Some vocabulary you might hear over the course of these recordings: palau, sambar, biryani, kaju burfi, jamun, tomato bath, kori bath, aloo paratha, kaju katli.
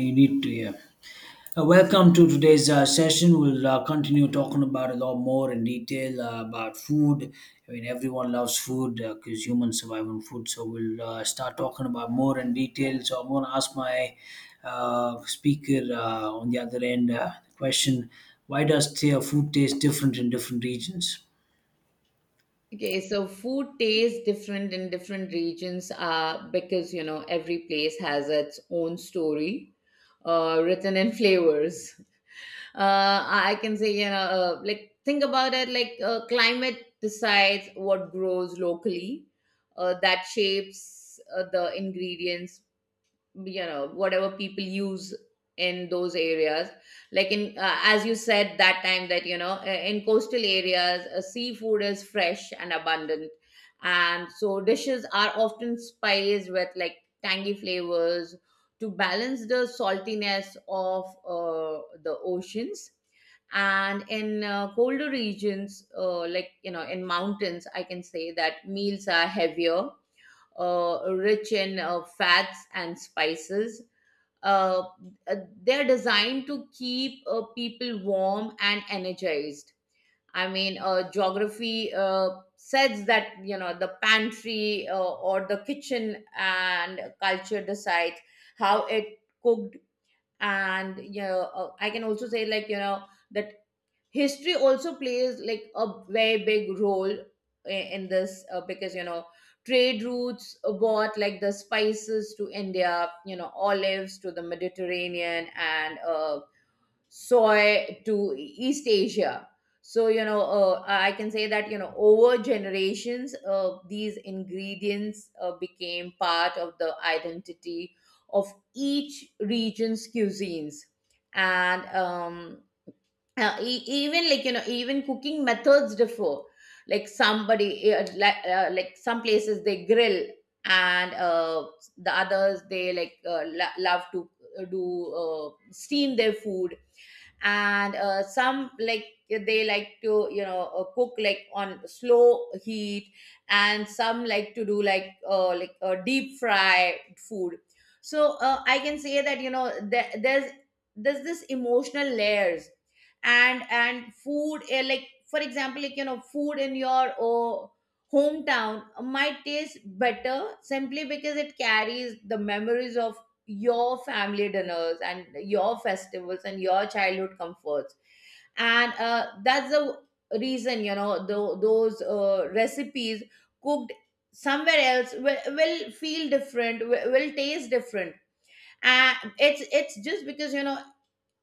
You need to, yeah. Welcome to today's session. We'll continue talking about a lot more in detail about food. I mean, everyone loves food because humans survive on food. So we'll start talking about more in detail. So I'm going to ask my speaker on the other end the question: Why does food taste different in different regions? Okay, so food tastes different in different regions because, every place has its own story written in flavors. I can say, like think about it like climate decides what grows locally, that shapes the ingredients whatever people use in those areas, like in as you said that time that in coastal areas seafood is fresh and abundant, and so dishes are often spiced with like tangy flavors to balance the saltiness of the oceans. And in colder regions like in mountains I can say that meals are heavier, rich in fats and spices. Uh, uh, they're designed to keep people warm and energized. I mean, geography says that the pantry or the kitchen and culture decides how it cooked, and I can also say, like you know the history also plays like a very big role in this because trade routes brought like the spices to India, olives to the Mediterranean, and soy to East Asia. So I can say that over generations these ingredients became part of the identity of each region's cuisines. And even like even cooking methods differ, like somebody like some places they grill, and the others they like love to do steam their food, and some like, they like to cook like on slow heat, and some like to do like deep fry food. So I can say that there's there's this emotional layers. And food like for example, like food in your hometown might taste better simply because it carries the memories of your family dinners and your festivals and your childhood comforts. And that's the reason those recipes cooked somewhere else will feel different, will taste different. And it's just because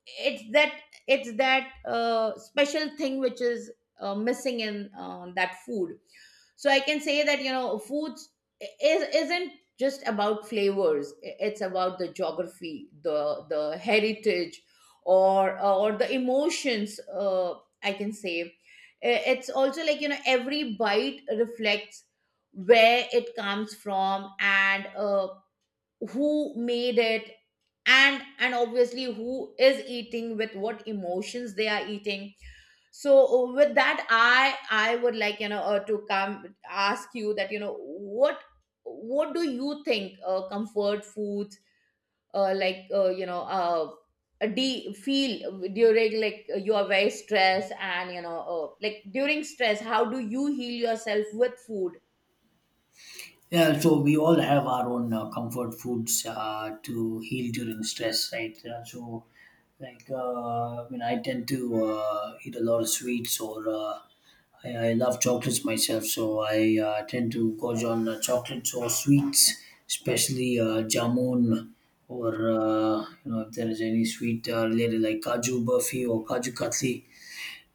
it's that it's that special thing which is missing in that food. So I can say that foods I- is isn't just about flavors. It's about the geography, the heritage, or the emotions. I can say it's also, like every bite reflects where it comes from, and who made it, and obviously who is eating, with what emotions they are eating. So with that, I would like to come ask you that what do you think comfort foods uh, like uh, you know uh, do feel during like you are very stressed, and like during stress how do you heal yourself with food? Yeah, so we all have our own comfort foods to heal during stress, right? I mean, I tend to eat a lot of sweets, or I love chocolates myself, so I tend to gorge on chocolates or sweets, especially jamun, or you know, if there is any sweet related like kaju burfi or kaju katli.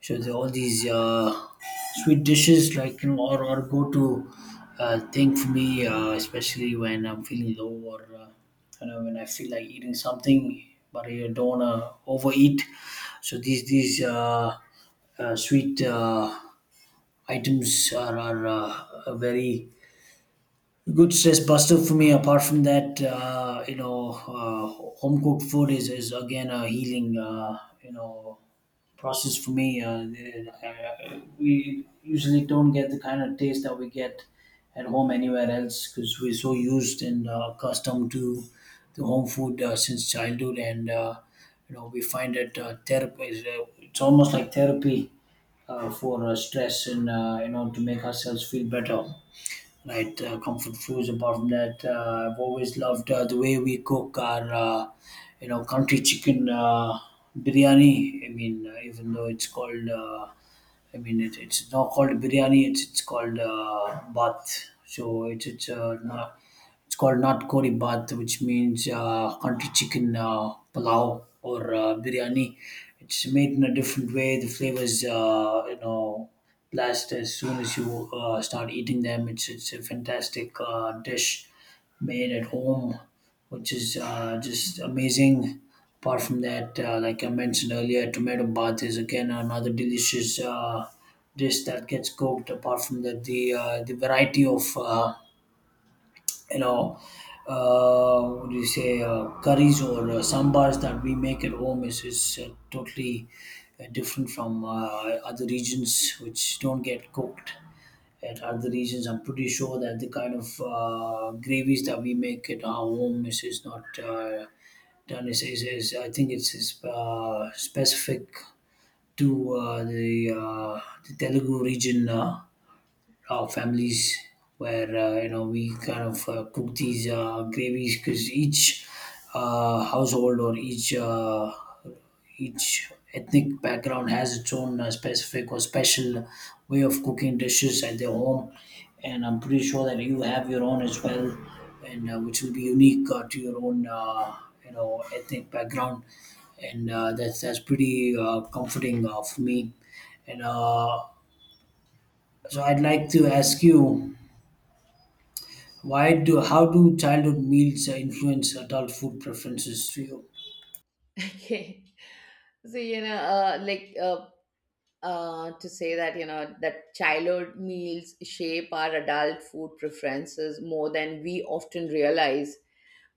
So there are all these sweet dishes, like you know, or go to thing for me, especially when I'm feeling low or you know when I feel like eating something, but I don't wanna overeat. So these sweet items are very good stress buster for me. Apart from that, you know, home cooked food is again a healing, you know, process for me. We usually don't get the kind of taste that we get at home anywhere else because we're so used and accustomed to the home food since childhood, and you know, we find it therapy. It's almost like therapy for stress and you know to make ourselves feel better, right? Comfort foods. Apart from that, I've always loved the way we cook our, you know, country chicken biryani. I mean, even though it's called, it's not called biryani. It's called bath. So it's not. It's called not kori bath, which means country chicken palau or biryani. It's made in a different way. The flavors, you know, blast as soon as you start eating them. It's a fantastic dish made at home, which is just amazing. Apart from that, like I mentioned earlier, tomato bath is again another delicious dish that gets cooked. Apart from that, the variety of you know what do you say curries or sambars that we make at home is totally different from other regions which don't get cooked at other regions. I'm pretty sure that the kind of gravies that we make at our home is not done is I think it's, is specific to the Telugu region, our families, where you know we kind of cook these gravies because each household or each ethnic background has its own specific or special way of cooking dishes at their home, and I'm pretty sure that you have your own as well, and which will be unique to your own you know ethnic background, and that's pretty comforting for me, and so I'd like to ask you, why do how do childhood meals influence adult food preferences to you? Okay, so to say that that childhood meals shape our adult food preferences more than we often realize.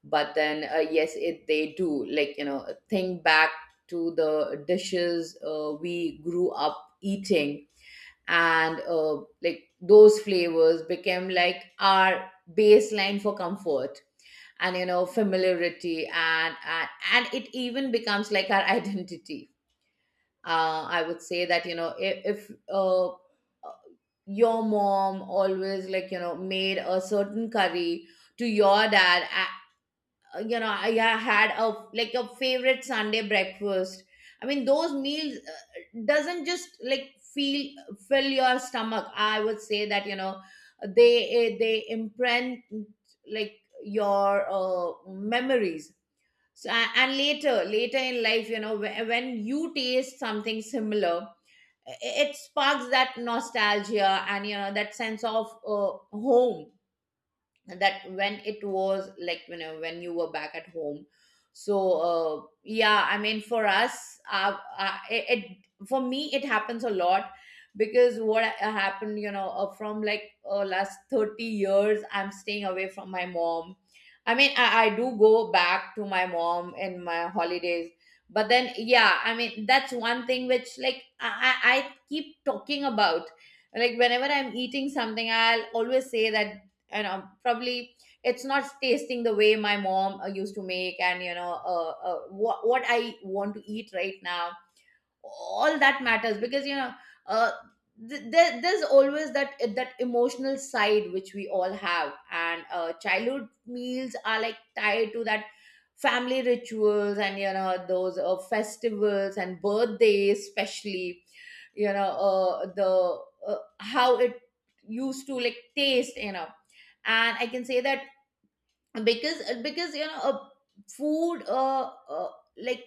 But then yes it they do, like think back to the dishes we grew up eating. And like those flavors became like our baseline for comfort and familiarity, and it even becomes like our identity. I would say that if your mom always, like made a certain curry to your dad, had a like a favorite Sunday breakfast. I mean those meals doesn't just like feel, fill your stomach. I would say that they they imprint like your memories. So, and later later in life when you taste something similar it sparks that nostalgia and that sense of home, that when it was like when you were back at home. So yeah, I mean for us it, for me it happens a lot, because what happened from like last 30 years I'm staying away from my mom. I mean I do go back to my mom in my holidays. But then yeah, I mean that's one thing which, like I keep talking about, like whenever I'm eating something I'll always say that. And probably it's not tasting the way my mom used to make, and what I want to eat right now, all that matters. Because uh, there's always that that emotional side which we all have, and childhood meals are like tied to that, family rituals and those festivals and birthdays especially, you know the how it used to like taste, and I can say that. Because food like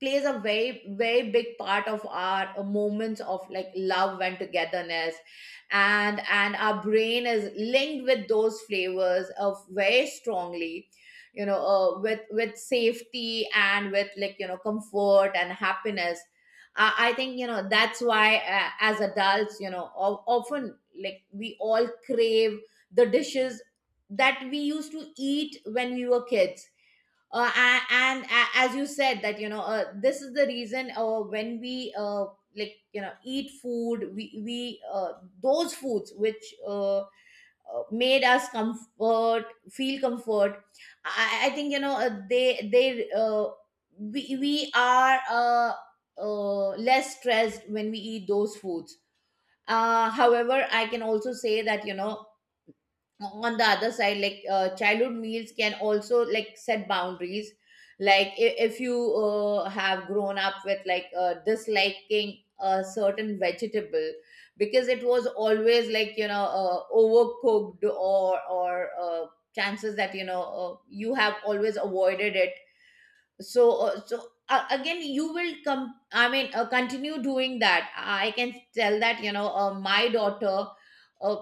plays a very, very big part of our moments of like love and togetherness. And our brain is linked with those flavors of very strongly, with safety and with like comfort and happiness. I think that's why as adults often like we all crave the dishes that we used to eat when we were kids. uh, and, and as you said that this is the reason when we like eat food, we those foods which made us comfort, feel comfort. I think they we are less stressed when we eat those foods. However, I can also say that on the other side, like childhood meals can also like set boundaries. Like if you have grown up with, like disliking a certain vegetable because it was always, like overcooked, or chances that you have always avoided it. So again you will come, I mean continue doing that. I can tell that my daughter, uh,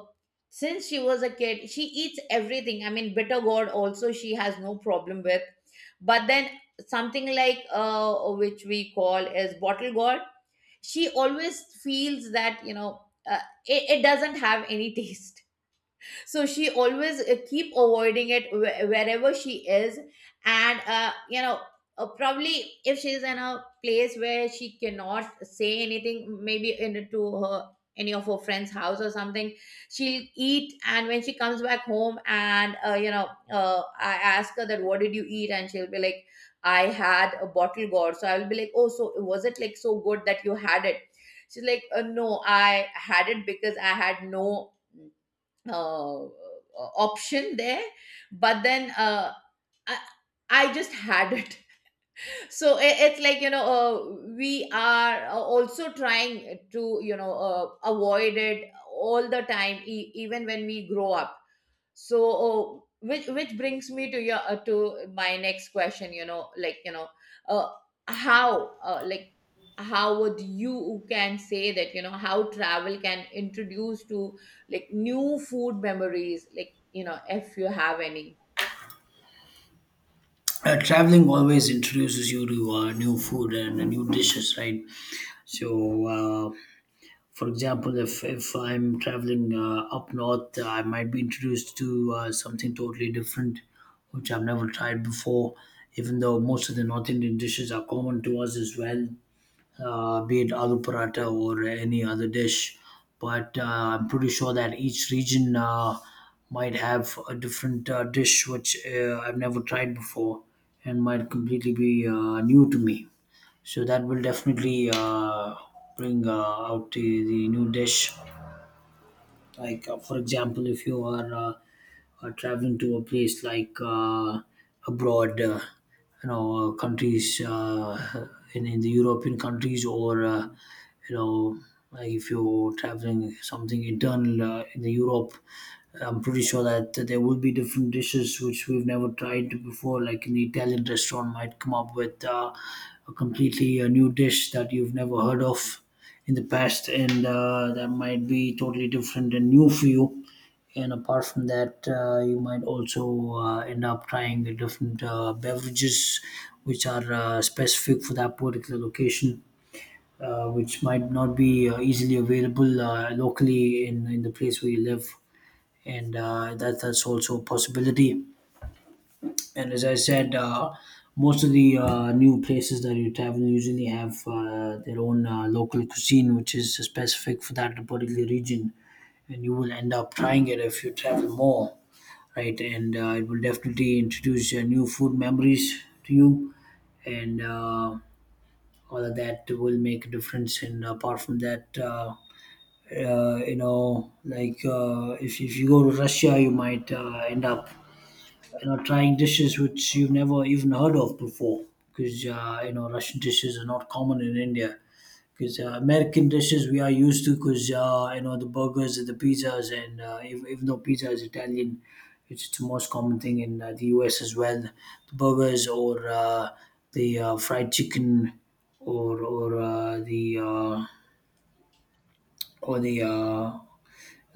since she was a kid she eats everything. I mean bitter gourd also she has no problem with, but then something like which we call as bottle gourd, she always feels that uh, it doesn't have any taste. So she always keep avoiding it, wherever she is. And probably if she's in a place where she cannot say anything, maybe into her, any of her friend's house or something, she'll eat. And when she comes back home, and I ask her that what did you eat, and she'll be like, I had a bottle gourd. So I'll be like, oh, so was it like so good that you had it? She's like, no, I had it because I had no uh, uh, option there. But then I, I just had it. So it's like, we are also trying to, avoid it all the time, even when we grow up. So which brings me to your to my next question, uh, how like how would you can say that how travel can introduce to like new food memories, like if you have any. Traveling always introduces you to new food and new dishes, right? So, for example, if I'm traveling up north, I might be introduced to something totally different, which I've never tried before. Even though most of the North Indian dishes are common to us as well, be it aloo paratha or any other dish. But I'm pretty sure that each region might have a different dish which I've never tried before and might completely be new to me. So that will definitely bring out the new dish. Like, for example, if you are traveling to a place like abroad, you know, countries in the European countries, or you know, like if you're traveling something internal in the Europe, I'm pretty sure that there will be different dishes which we've never tried before. Like an Italian restaurant might come up with a completely a new dish that you've never heard of in the past, and that might be totally different and new for you. And apart from that, you might also end up trying the different beverages which are specific for that particular location, which might not be easily available locally in the place where you live. And that's also a possibility, and as I said, most of the new places that you travel usually have their own local cuisine, which is specific for that particular region. And you will end up trying it if you travel more, right? And it will definitely introduce new food memories to you. And all of that will make a difference. And apart from that, you know, like if you go to Russia, you might end up you know trying dishes which you've never even heard of before, because you know Russian dishes are not common in India, because American dishes we are used to because you know the burgers and the pizzas, and even though pizza is Italian, it's the most common thing in the US as well, the burgers or the fried chicken, or the or the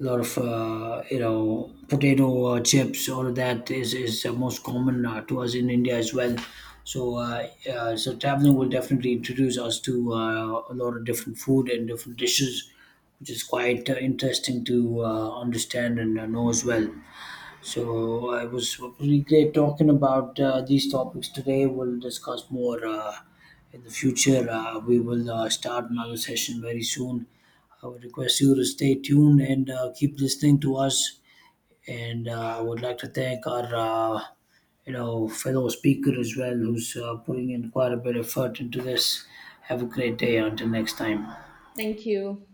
a lot of you know potato chips, all of that is most common to us in India as well. So so traveling will definitely introduce us to a lot of different food and different dishes, which is quite interesting to understand and know as well. So I was really great talking about these topics today. We'll discuss more in the future. We will start another session very soon. I would request you to stay tuned and keep listening to us. And I would like to thank our, you know, fellow speaker as well, who's putting in quite a bit of effort into this. Have a great day. Until next time. Thank you.